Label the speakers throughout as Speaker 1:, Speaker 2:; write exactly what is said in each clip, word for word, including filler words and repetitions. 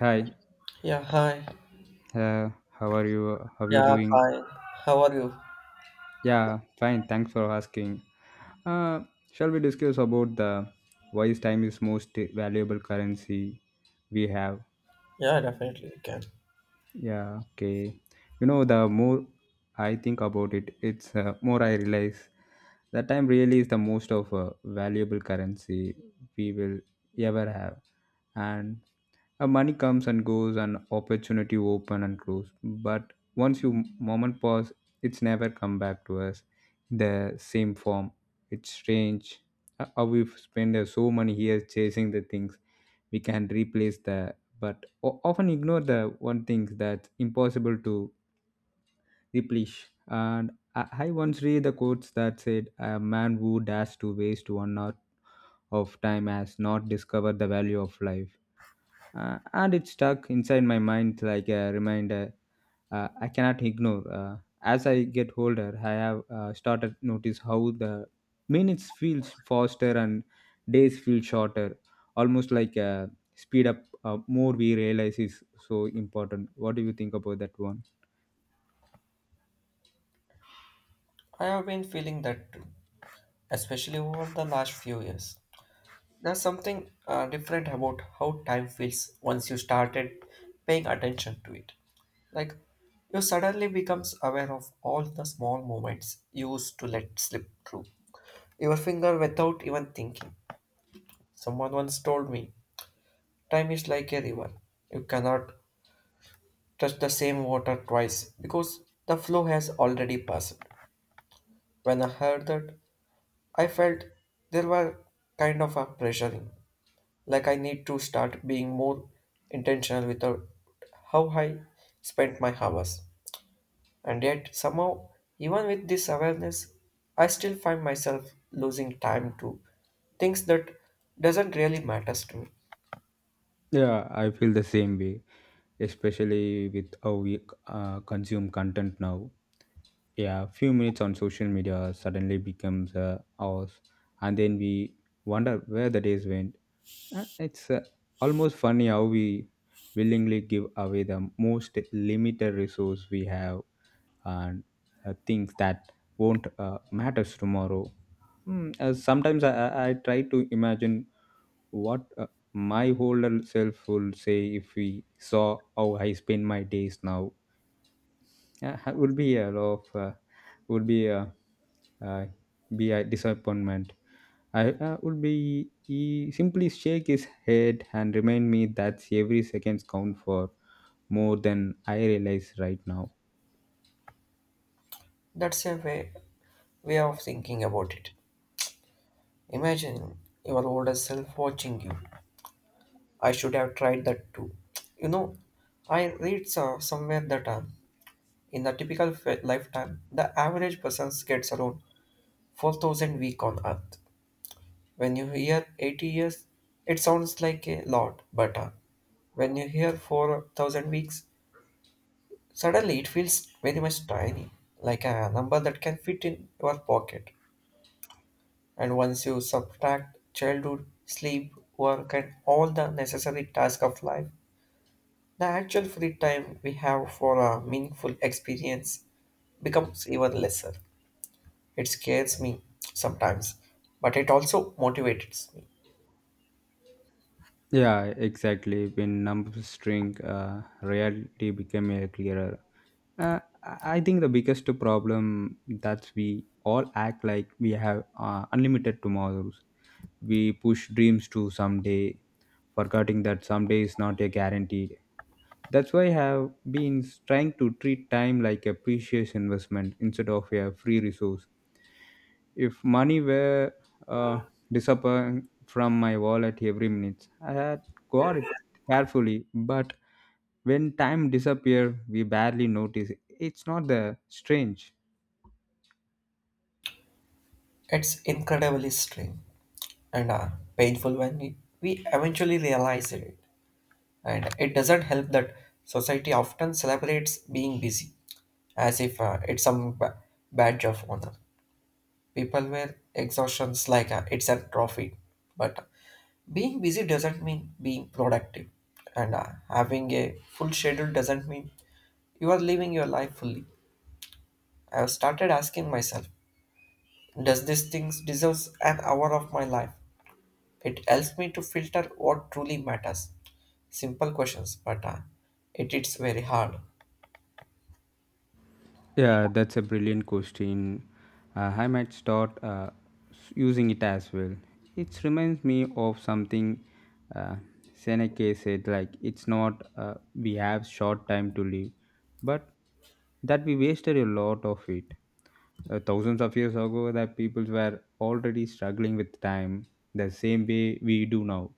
Speaker 1: Hi,
Speaker 2: Yeah, hi.
Speaker 1: uh, how are you? How you
Speaker 2: Yeah,
Speaker 1: doing?
Speaker 2: hi. How are you?
Speaker 1: Yeah, fine. Thanks for asking. Uh, Shall we discuss about the why is time is most valuable currency we have?
Speaker 2: Yeah, definitely we can.
Speaker 1: Yeah, okay. You know, the more I think about it, it's uh, more I realize that time really is the most of uh, valuable currency we will ever have, and Uh, money comes and goes, and opportunity open and close. But once you moment pause, it's never come back to us in the same form. It's strange uh, how we've spent uh, so many years chasing the things we can replace the, but o- often ignore the one thing that's impossible to replace. And I, I once read the quotes that said, "A man who dares to waste one hour of time has not discovered the value of life." uh, and it stuck inside my mind like a reminder uh, I cannot ignore. Uh, as I get older, I have uh, started notice how the minutes feels faster and days feel shorter, almost like uh, speed up. Uh, more we realize is so important. What do you think about that one?
Speaker 2: I have been feeling that too, especially over the last few years. There's something uh, different about how time feels once you started paying attention to it. Like you suddenly becomes aware of all the small moments you used to let slip through your finger without even thinking. Someone once told me, time is like a river. You cannot touch the same water twice because the flow has already passed. When I heard that, I felt there were kind of a pressuring, like I need to start being more intentional without how I spent my hours. And yet, somehow, even with this awareness, I still find myself losing time to things that doesn't really matters to me.
Speaker 1: Yeah, I feel the same way, especially with how we uh, consume content now. Yeah, few minutes on social media suddenly becomes uh, ours, and then we wonder where the days went. Uh, It's uh, almost funny how we willingly give away the most limited resource we have and uh, things that won't uh, matters tomorrow. Mm, uh, sometimes I, I I try to imagine what uh, my older self will say if we saw how I spend my days now. Uh, it would be a lot of uh, would be a uh, be a disappointment. I uh, would be he simply shake his head and remind me that every second count for more than I realize right now.
Speaker 2: That's a way way of thinking about it. Imagine your older self watching you I should have tried that too. You know, I read so- somewhere that uh, in a typical f- lifetime, the average person gets around four thousand week on Earth. When you hear eighty years, it sounds like a lot, but uh, when you hear four thousand weeks, suddenly it feels very much tiny, like a number that can fit in your pocket. And once you subtract childhood, sleep, work, and all the necessary tasks of life, the actual free time we have for a meaningful experience becomes even lesser. It scares me sometimes, but it also motivates me.
Speaker 1: Yeah, exactly. When numbers shrink, uh, reality became a clearer. Uh, I think the biggest problem that we all act like we have uh, unlimited tomorrows. We push dreams to someday, forgetting that someday is not a guarantee. That's why I have been trying to treat time like a precious investment instead of a free resource. If money were uh, disappearing from my wallet every minute, I had got it carefully. But when time disappears, we barely notice. It's not the strange.
Speaker 2: It's incredibly strange and uh, painful when we, we eventually realize it. And it doesn't help that society often celebrates being busy as if uh, it's some ba- badge of honor. People wear exhaustions like a, it's a trophy, but being busy doesn't mean being productive, and uh, having a full schedule doesn't mean you are living your life fully. I have started asking myself, does this thing deserves an hour of my life? It helps me to filter what truly matters. Simple questions, but uh, it is very hard.
Speaker 1: Yeah, that's a brilliant question. Uh, I might start uh, s- using it as well. It reminds me of something uh, Seneca said like, it's not uh, we have short time to live, but that we wasted a lot of it. Uh, thousands of years ago, that people were already struggling with time the same way we do now.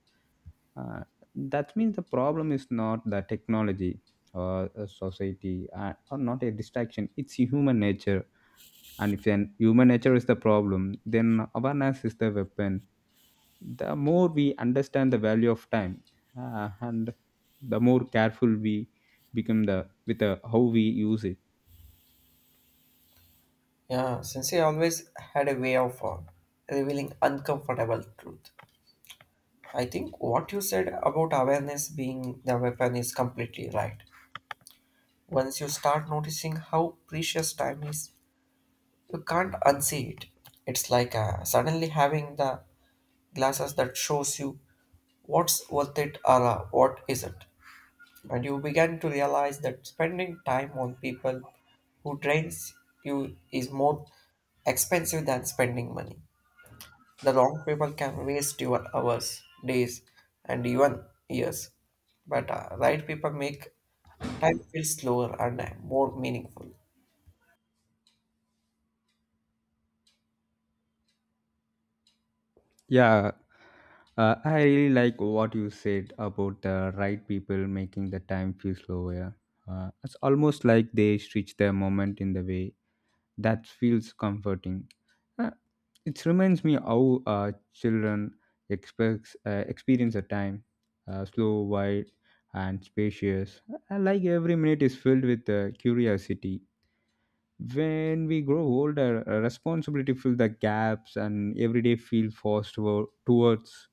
Speaker 1: Uh, that means the problem is not the technology or a society uh, or not a distraction, it's human nature, and if then human nature is the problem then awareness is the weapon. The more we understand the value of time uh, and the more careful we become the with the, how we use it.
Speaker 2: Yeah, since I always had a way of uh, revealing uncomfortable truth. I think what you said about awareness being the weapon is completely right. Once you start noticing how precious time is, you can't unsee it. It's like uh, suddenly having the glasses that shows you what's worth it or uh, what isn't. And you begin to realize that spending time on people who drains you is more expensive than spending money. The wrong people can waste your hours, days, and even years. But uh, right people make time feel slower and uh, more meaningful.
Speaker 1: Yeah, uh, I really like what you said about the right people making the time feel slower. Uh, it's almost like they stretch their moment in the way that feels comforting. Uh, it reminds me how uh, children expects, uh, experience a time uh, slow, wide, and spacious. I like every minute is filled with uh, curiosity. When we grow older, uh, responsibility fill the gaps, and every day feel forced wo- towards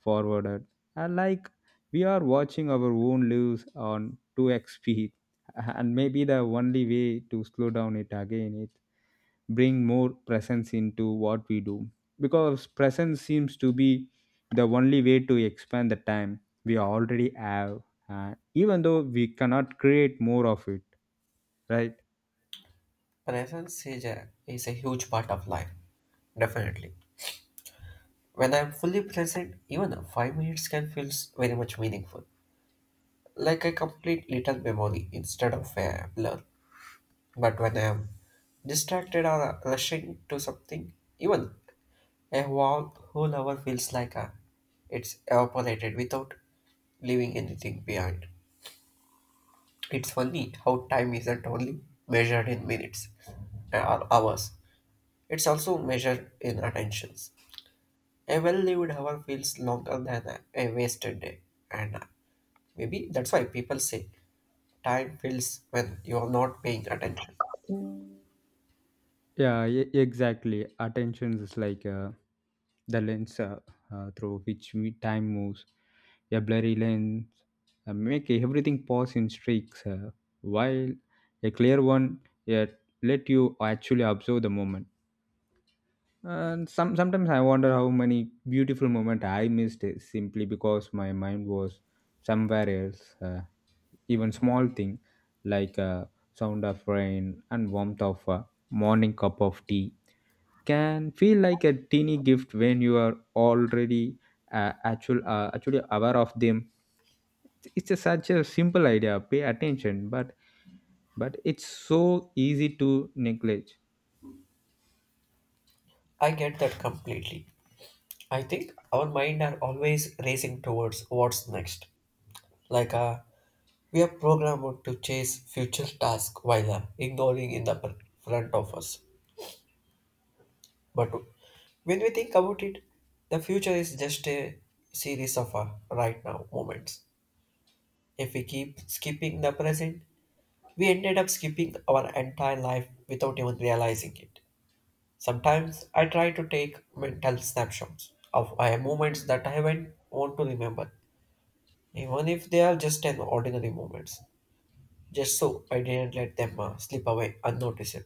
Speaker 1: forwarded. I like we are watching our own lives on two x speed, and maybe the only way to slow down it again bring more presence into what we do, because presence seems to be the only way to expand the time we already have, uh, even though we cannot create more of it, right?
Speaker 2: Presence is a, is a huge part of life, definitely. When I'm fully present, even uh, five minutes can feel s- very much meaningful, like a complete little memory instead of a blur. But when I'm distracted or uh, rushing to something, even a warm, whole hour feels like a, it's evaporated without leaving anything behind. It's funny how time isn't only measured in minutes uh, or hours, it's also measured in attentions. A well lived hour feels longer than a, a wasted day, and uh, maybe that's why people say time feels when you're not paying attention.
Speaker 1: Yeah, e- exactly, attention is like uh, the lens uh, uh, through which we, time moves. A blurry lens uh, make everything pause in streaks, uh, while a clear one uh, let you actually observe the moment. And some sometimes I wonder how many beautiful moments I missed it simply because my mind was somewhere else. Uh, even small thing like uh, sound of rain and warmth of a morning cup of tea can feel like a teeny gift when you are already uh, actual uh, actually aware of them. It's a, such a simple idea. Pay attention, but but it's so easy to neglect.
Speaker 2: I get that completely. I think our mind are always racing towards what's next. Like a We are programmed to chase future tasks while ignoring in the pr- front of us. But when we think about it, the future is just a series of uh, right now moments. If we keep skipping the present, we ended up skipping our entire life without even realizing it. Sometimes I try to take mental snapshots of uh, moments that I haven't want to remember, even if they are just an ordinary moments, just so I didn't let them uh, slip away unnoticed.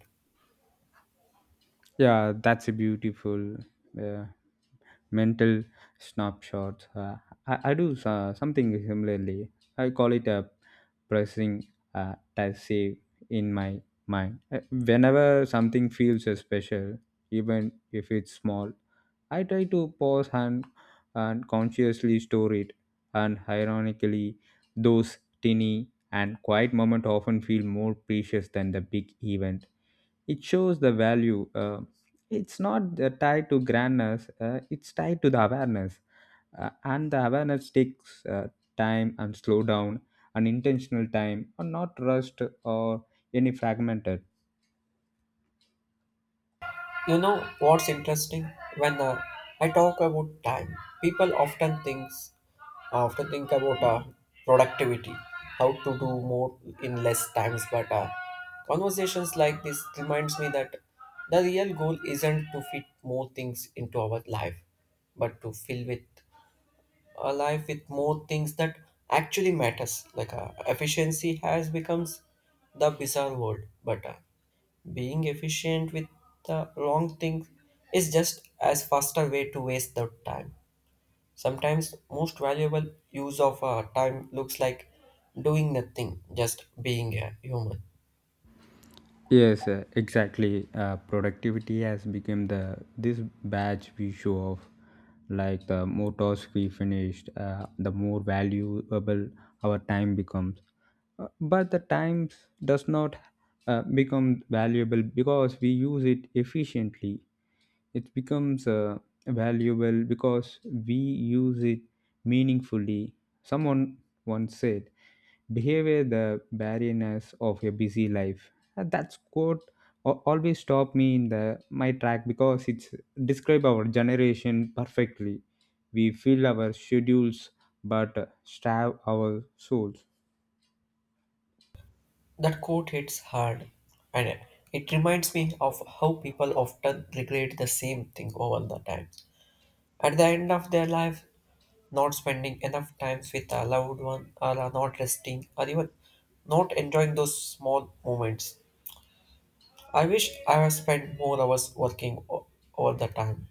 Speaker 1: Yeah, that's a beautiful. Yeah, mental snapshots. Uh, I, I do uh, something similarly. I call it a pressing uh, type save in my mind. Uh, Whenever something feels uh, special, even if it's small, I try to pause and, and consciously store it. And ironically, those tiny and quiet moments often feel more precious than the big event. It shows the value, uh, it's not uh, tied to grandness, uh, it's tied to the awareness. Uh, and the awareness takes uh, time and slow down and intentional time or not rushed or any fragmented.
Speaker 2: You know what's interesting? When uh, I talk about time, people often thinks often think about uh, productivity, how to do more in less times. But uh, conversations like this reminds me that the real goal isn't to fit more things into our life, but to fill with a life with more things that actually matters. Like uh, efficiency has becomes the bizarre world, but uh, being efficient with the wrong thing is just as faster way to waste the time. Sometimes most valuable use of our time looks like doing nothing, just being a human.
Speaker 1: Yes, uh, exactly. Uh, productivity has become the this badge we show off. Like the more tasks we finished, uh, the more valuable our time becomes. Uh, But the time does not uh, become valuable because we use it efficiently, it becomes uh, valuable because we use it meaningfully. Someone once said, "Behavior the barrenness of a busy life." Uh, That quote al- always stopped me in the my track because it's describe our generation perfectly. We fill our schedules but starve our souls.
Speaker 2: That quote hits hard, and it reminds me of how people often regret the same thing over the time. At the end of their life, not spending enough time with a loved one, or are not resting, or even not enjoying those small moments I wish I had spent more hours working o- all the time.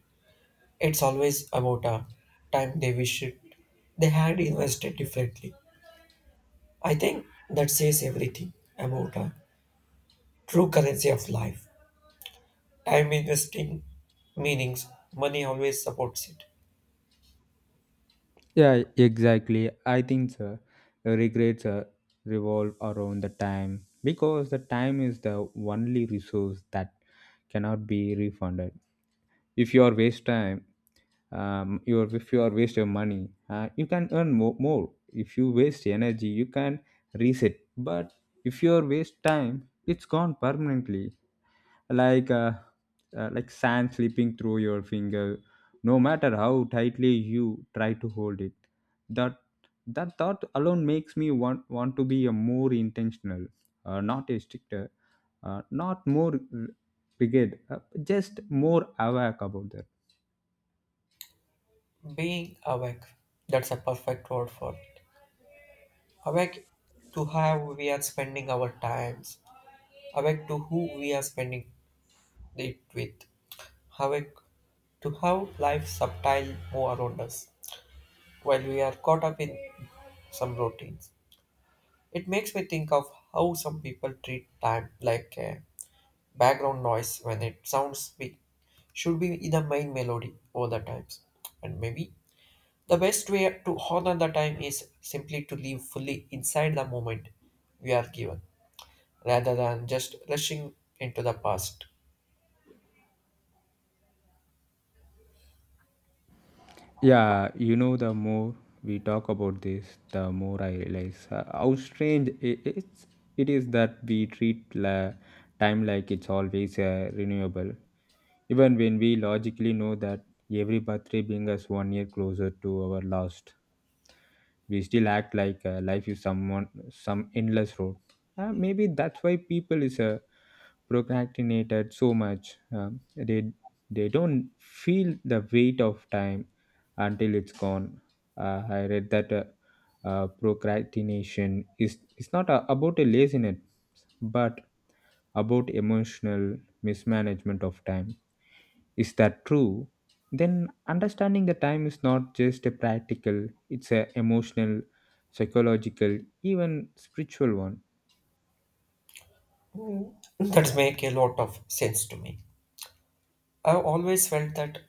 Speaker 2: It's always about a time they wish it, they had invested differently. I think that says everything about a true currency of life. Time investing meanings, money always supports it.
Speaker 1: Yeah, exactly. I think so. Regrets uh, revolve around the time because the time is the only resource that cannot be refunded. If you are waste time, um, you are, if you are waste your money, uh, you can earn more, more. If you waste energy, you can reset. But if you are waste time, it's gone permanently. Like uh, uh, like sand slipping through your finger no matter how tightly you try to hold it. That that thought alone makes me want want to be a more intentional, uh, not a stricter, uh, not more r- rigid, uh, just more aware about that.
Speaker 2: Being awake, that's a perfect word for it. Awake to how we are spending our times, awake to who we are spending it with, awake to how life subtile move around us while we are caught up in some routines. It makes me think of how some people treat time like a background noise when it sounds big should be the main melody all the times. And maybe the best way to honor the time is simply to live fully inside the moment we are given, rather than just rushing into the past.
Speaker 1: Yeah, you know, the more we talk about this, the more I realize uh, how strange i- it's, it is that we treat la- time like it's always uh, renewable. Even when we logically know that every birthday brings us one year closer to our last, we still act like uh, life is someone some endless road. Uh, maybe that's why people is uh, procrastinated so much. Um, they they don't feel the weight of time until it's gone. Uh, I read that uh, uh, procrastination is it's not a, about a laziness, but about emotional mismanagement of time. Is that true? Then understanding the time is not just a practical; it's a emotional, psychological, even spiritual one.
Speaker 2: Mm. That make a lot of sense to me. I've always felt that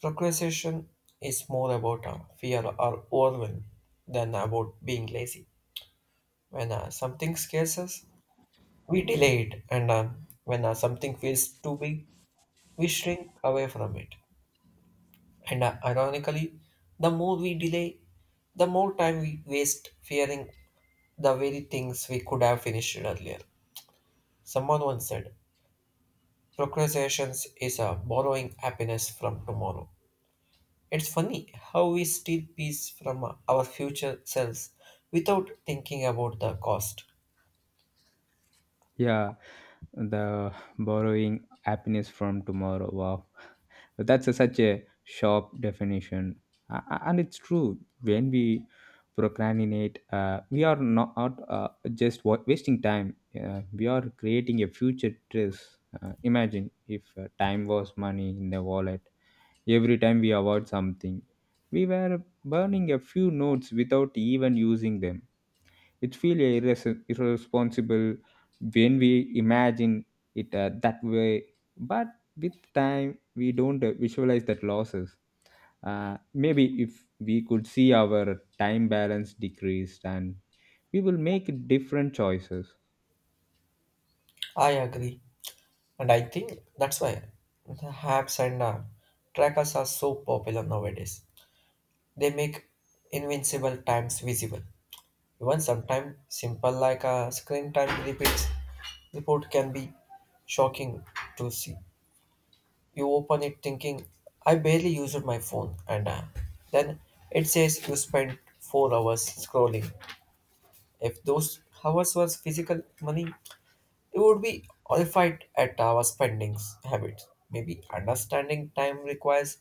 Speaker 2: procrastination is more about a fear or overwhelm than about being lazy. When uh, something scares us, we delay it, and uh, when uh, something feels too big, we shrink away from it. And uh, ironically, the more we delay, the more time we waste fearing the very things we could have finished earlier. Someone once said, "Procrastination is uh, borrowing happiness from tomorrow." It's funny how we steal peace from our future selves without thinking about the cost.
Speaker 1: Yeah, the borrowing happiness from tomorrow, wow, but that's a, such a sharp definition. A- a- and it's true, when we procrastinate uh, we are not uh, just wa- wasting time, uh, we are creating a future stress. Uh, imagine if uh, time was money in the wallet, every time we avoid something we were burning a few notes without even using them. It feels irres- irresponsible when we imagine it uh, that way, but with time we don't uh, visualize that losses. Uh, maybe if we could see our time balance decreased, and we will make different choices.
Speaker 2: I agree. And I think that's why the apps and uh, trackers are so popular nowadays. They make invincible times visible. Even sometimes simple like a screen time repeats report can be shocking to see. You open it thinking, I barely used my phone, and uh, then it says you spent four hours scrolling. If those hours was physical money, you would be horrified at our spending habits. Maybe understanding time requires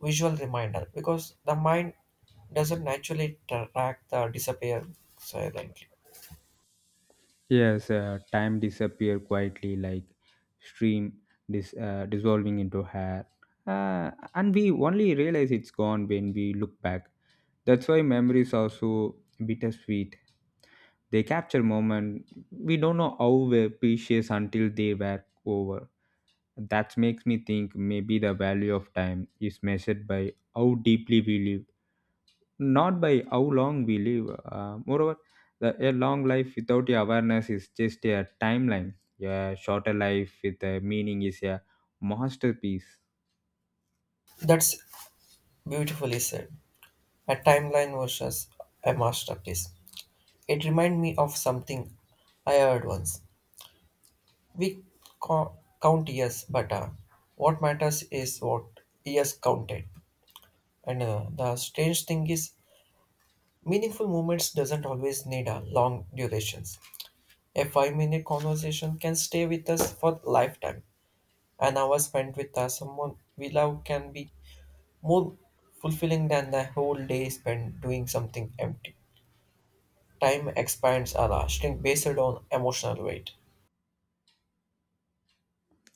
Speaker 2: visual reminder because the mind doesn't naturally track the disappear silently.
Speaker 1: Yes, uh, time disappear quietly like stream dis- uh, dissolving into hair, uh, and we only realize it's gone when we look back. That's why memories are so bittersweet. They capture moments we don't know how were precious until they were over. That makes me think maybe the value of time is measured by how deeply we live, not by how long we live. Uh, moreover, the, a long life without awareness is just a timeline. A shorter life with a meaning is a masterpiece.
Speaker 2: That's beautifully said. A timeline versus a masterpiece. It reminds me of something I heard once. We co- count years, but uh, what matters is what years counted. And uh, the strange thing is, meaningful moments doesn't always need a long durations. A five minute conversation can stay with us for lifetime. An hour spent with us, someone we love can be more fulfilling than the whole day spent doing something empty. Time expands our shrink based on emotional weight.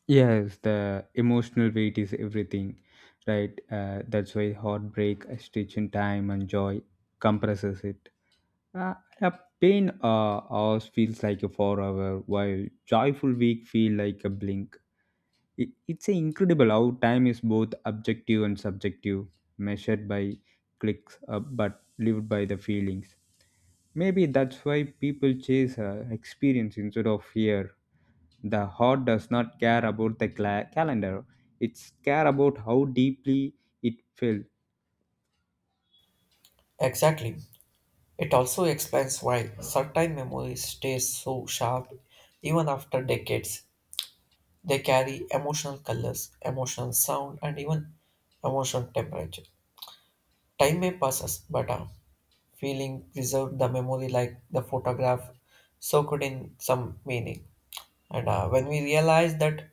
Speaker 1: Yes, the emotional weight is everything, right? Uh, that's why heartbreak, stretch in time, and joy compresses it. Uh, a pain uh, hours feels like a forever, while joyful week feel like a blink. It, it's a incredible how time is both objective and subjective, measured by clicks uh, but lived by the feelings. Maybe that's why people chase uh, experience instead of fear. The heart does not care about the cla- calendar; it's care about how deeply it felt.
Speaker 2: Exactly. It also explains why certain memories stay so sharp even after decades. They carry emotional colors, emotional sound, and even emotional temperature. Time may passes, but a feeling preserved the memory like the photograph soaked in some meaning. And uh, when we realize that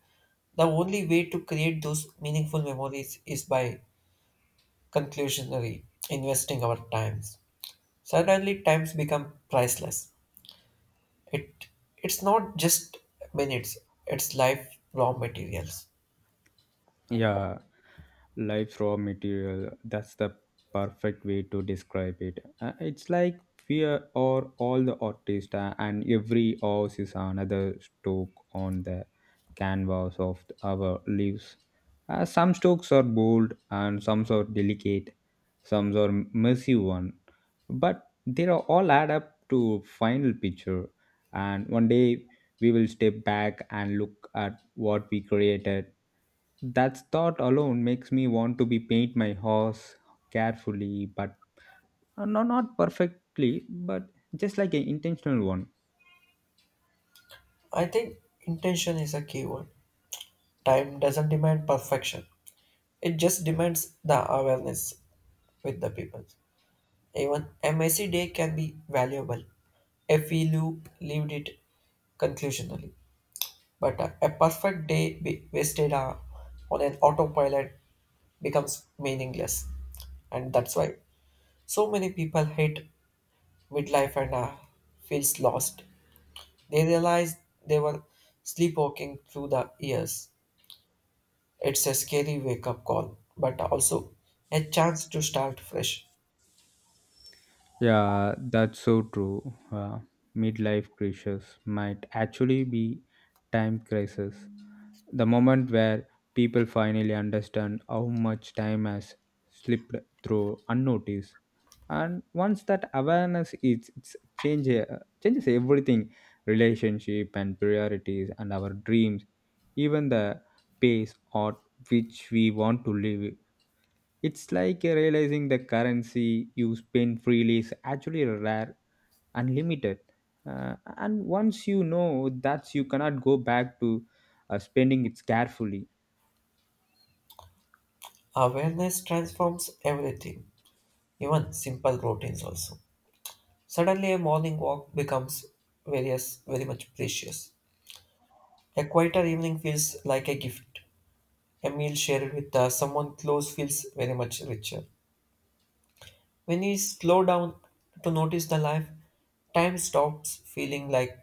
Speaker 2: the only way to create those meaningful memories is by conclusionary investing our times. Suddenly, times become priceless. It it's not just minutes; it's life raw materials.
Speaker 1: Yeah, life raw material. That's the perfect way to describe it. Uh, it's like we are are all the artists, uh, and every house is another stroke on the canvas of our lives. Uh, some strokes are bold, and some are delicate, some are messy one, but they are all add up to final picture. And one day we will step back and look at what we created. That thought alone makes me want to be paint my horse carefully, but uh, no, not perfectly, but just like an intentional one.
Speaker 2: I think intention is a key word. Time doesn't demand perfection; it just demands the awareness with the people. Even a messy day can be valuable if we loop lived it conclusionally. But uh, a perfect day be wasted uh, on an autopilot becomes meaningless, and that's why so many people hate midlife and uh, feels lost. They realize they were sleepwalking through the years. It's a scary wake-up call, but also a chance to start fresh.
Speaker 1: Yeah, that's so true. Uh, midlife crisis might actually be time crisis. The moment where people finally understand how much time has slipped through unnoticed. And once that awareness is it's change, uh, changes everything, relationship and priorities and our dreams, even the pace at which we want to live. It's like uh, realizing the currency you spend freely is actually rare and limited. Uh, and once you know that, you cannot go back to uh, spending it carefully.
Speaker 2: Awareness transforms everything, even simple routines also. Suddenly, a morning walk becomes various, very much precious. A quieter evening feels like a gift. A meal shared with uh, someone close feels very much richer. When we slow down to notice the life, time stops feeling like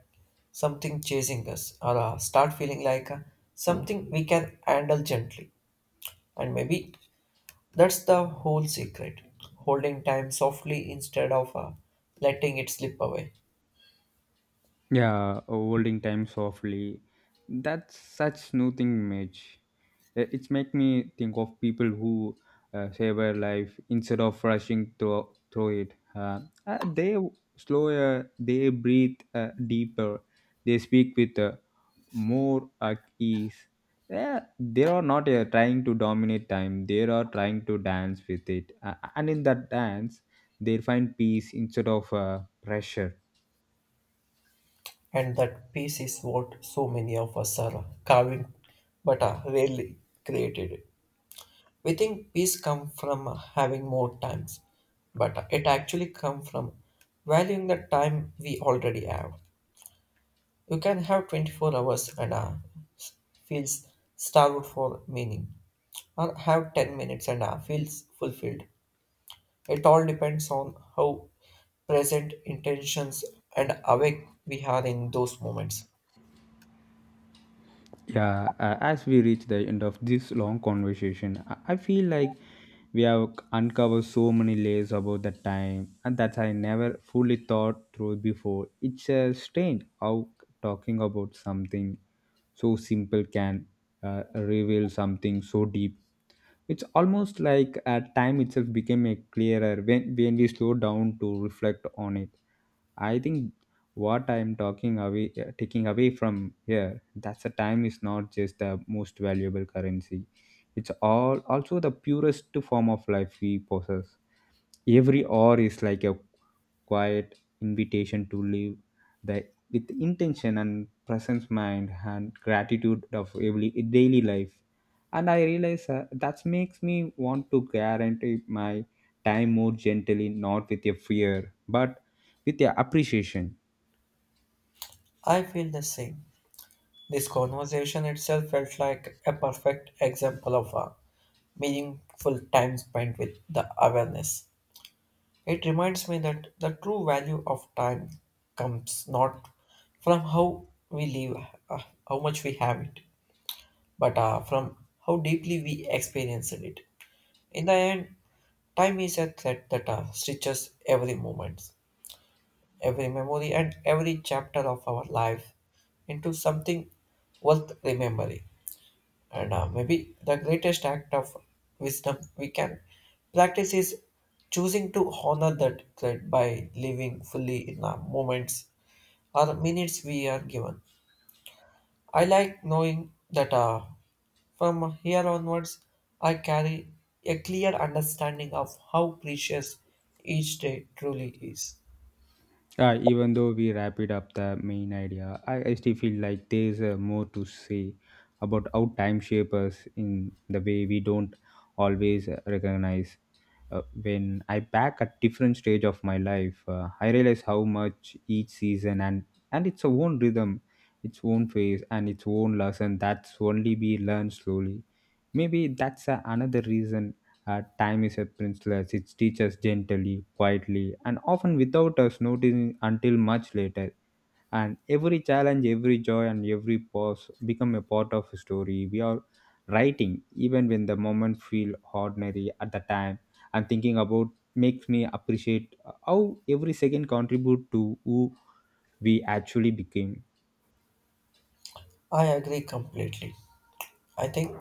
Speaker 2: something chasing us or uh, start feeling like uh, something we can handle gently. And maybe that's the whole secret holding time softly instead of uh, letting it slip away.
Speaker 1: Yeah, uh, holding time softly. That's such soothing image. I- It's make me think of people who uh, savor life instead of rushing through, through it. Uh, uh, they slower, they breathe uh, deeper, they speak with uh, more at ease. Yeah, they are not uh, trying to dominate time. They are trying to dance with it, uh, and in that dance, they find peace instead of uh, pressure.
Speaker 2: And that peace is what so many of us are carving but are rarely created. We think peace comes from having more times, but it actually comes from valuing the time we already have. You can have twenty-four hours and uh, feels starved for meaning, or have ten minutes and uh, feels fulfilled. It all depends on how present intentions and awake we are in those moments.
Speaker 1: Yeah, uh, as we reach the end of this long conversation, I I feel like we have uncovered so many layers about the time and that I never fully thought through before. It's uh, strange how talking about something so simple can uh, reveal something so deep. It's almost like uh, time itself became a clearer when, when we slow down to reflect on it. I think what I'm talking away, uh, taking away from here, that's the time is not just the most valuable currency. It's all also the purest form of life we possess, every hour is like a quiet invitation to live the with intention and presence mind and gratitude of every daily life, and I realize uh, that makes me want to guarantee my time more gently, not with a fear but with a appreciation.
Speaker 2: I feel the same. This conversation itself felt like a perfect example of a meaningful time spent with the awareness. It reminds me that the true value of time comes not from how we live, uh, how much we have it, but uh, from how deeply we experienced it. In the end, time is a thread that uh, stitches every moment, every memory, and every chapter of our life into something worth remembering. And uh, maybe the greatest act of wisdom we can practice is choosing to honor that thread by living fully in the moments or minutes we are given. I like knowing that uh, from here onwards, I carry a clear understanding of how precious each day truly is.
Speaker 1: Uh, even though we wrap it up the main idea, I, I still feel like there's uh, more to say about how time shapes us in the way we don't always uh, recognize. Uh, when I back at different stage of my life, uh, I realize how much each season and and its own rhythm, its own phase, and its own lesson that's only be learned slowly. Maybe that's uh, another reason uh, time is a priceless. It teaches gently, quietly, and often without us noticing until much later. And every challenge, every joy, and every pause become a part of a story. We are writing, even when the moment feel ordinary at the time. And thinking about makes me appreciate how every second contribute to who we actually became.
Speaker 2: I agree completely. I think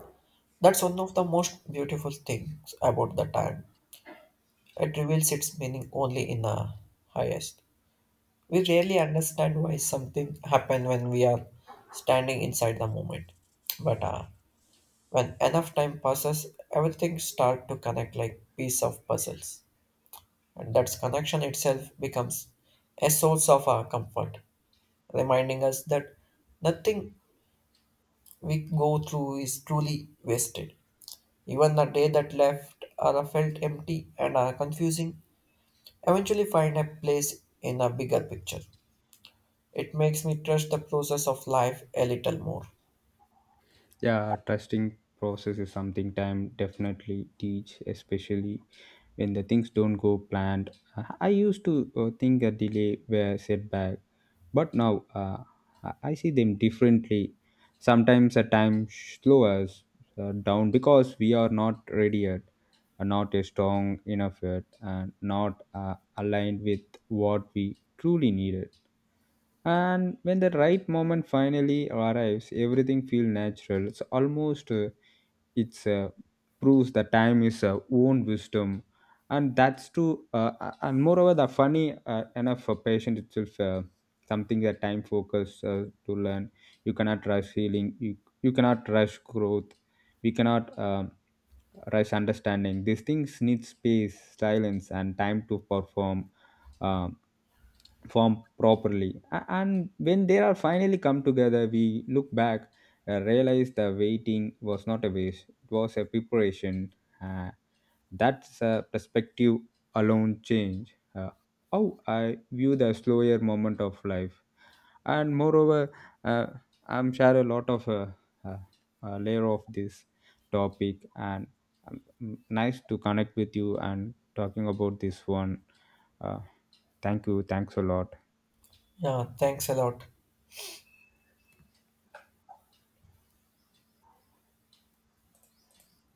Speaker 2: that's one of the most beautiful things about the time. It reveals its meaning only in the highest. We rarely understand why something happened when we are standing inside the moment. But uh, when enough time passes, everything starts to connect like piece of puzzles. And that connection itself becomes a source of our comfort, reminding us that nothing we go through is truly wasted. Even the day that left are felt empty and are confusing, eventually find a place in a bigger picture. It makes me trust the process of life a little more.
Speaker 1: Yeah, trusting process is something time definitely teach, especially when the things don't go planned. I I used to uh, think a delay were setback, but now uh, I I see them differently. Sometimes a time slow us uh, down because we are not ready yet, are not a strong enough yet, and not uh, aligned with what we truly needed. And when the right moment finally arrives, everything feels natural, it's almost uh, it's uh, proves that time is uh, own wisdom, and that's true uh, uh, and moreover the funny uh, enough for patient itself, uh, something that time focus uh, to learn. You cannot rush healing, you, you cannot rush growth, we cannot um rush understanding, these things need space silence and time to perform um, form properly. A- and when they are finally come together we look back, uh, realize the waiting was not a waste, it was a preparation. uh, that's a perspective alone change uh, how I view the slower moment of life. And moreover, uh, I'm share a lot of uh, uh, uh, layer of this topic, and um, nice to connect with you and talking about this one. uh, thank you. Thanks a lot.
Speaker 2: Yeah, thanks a lot.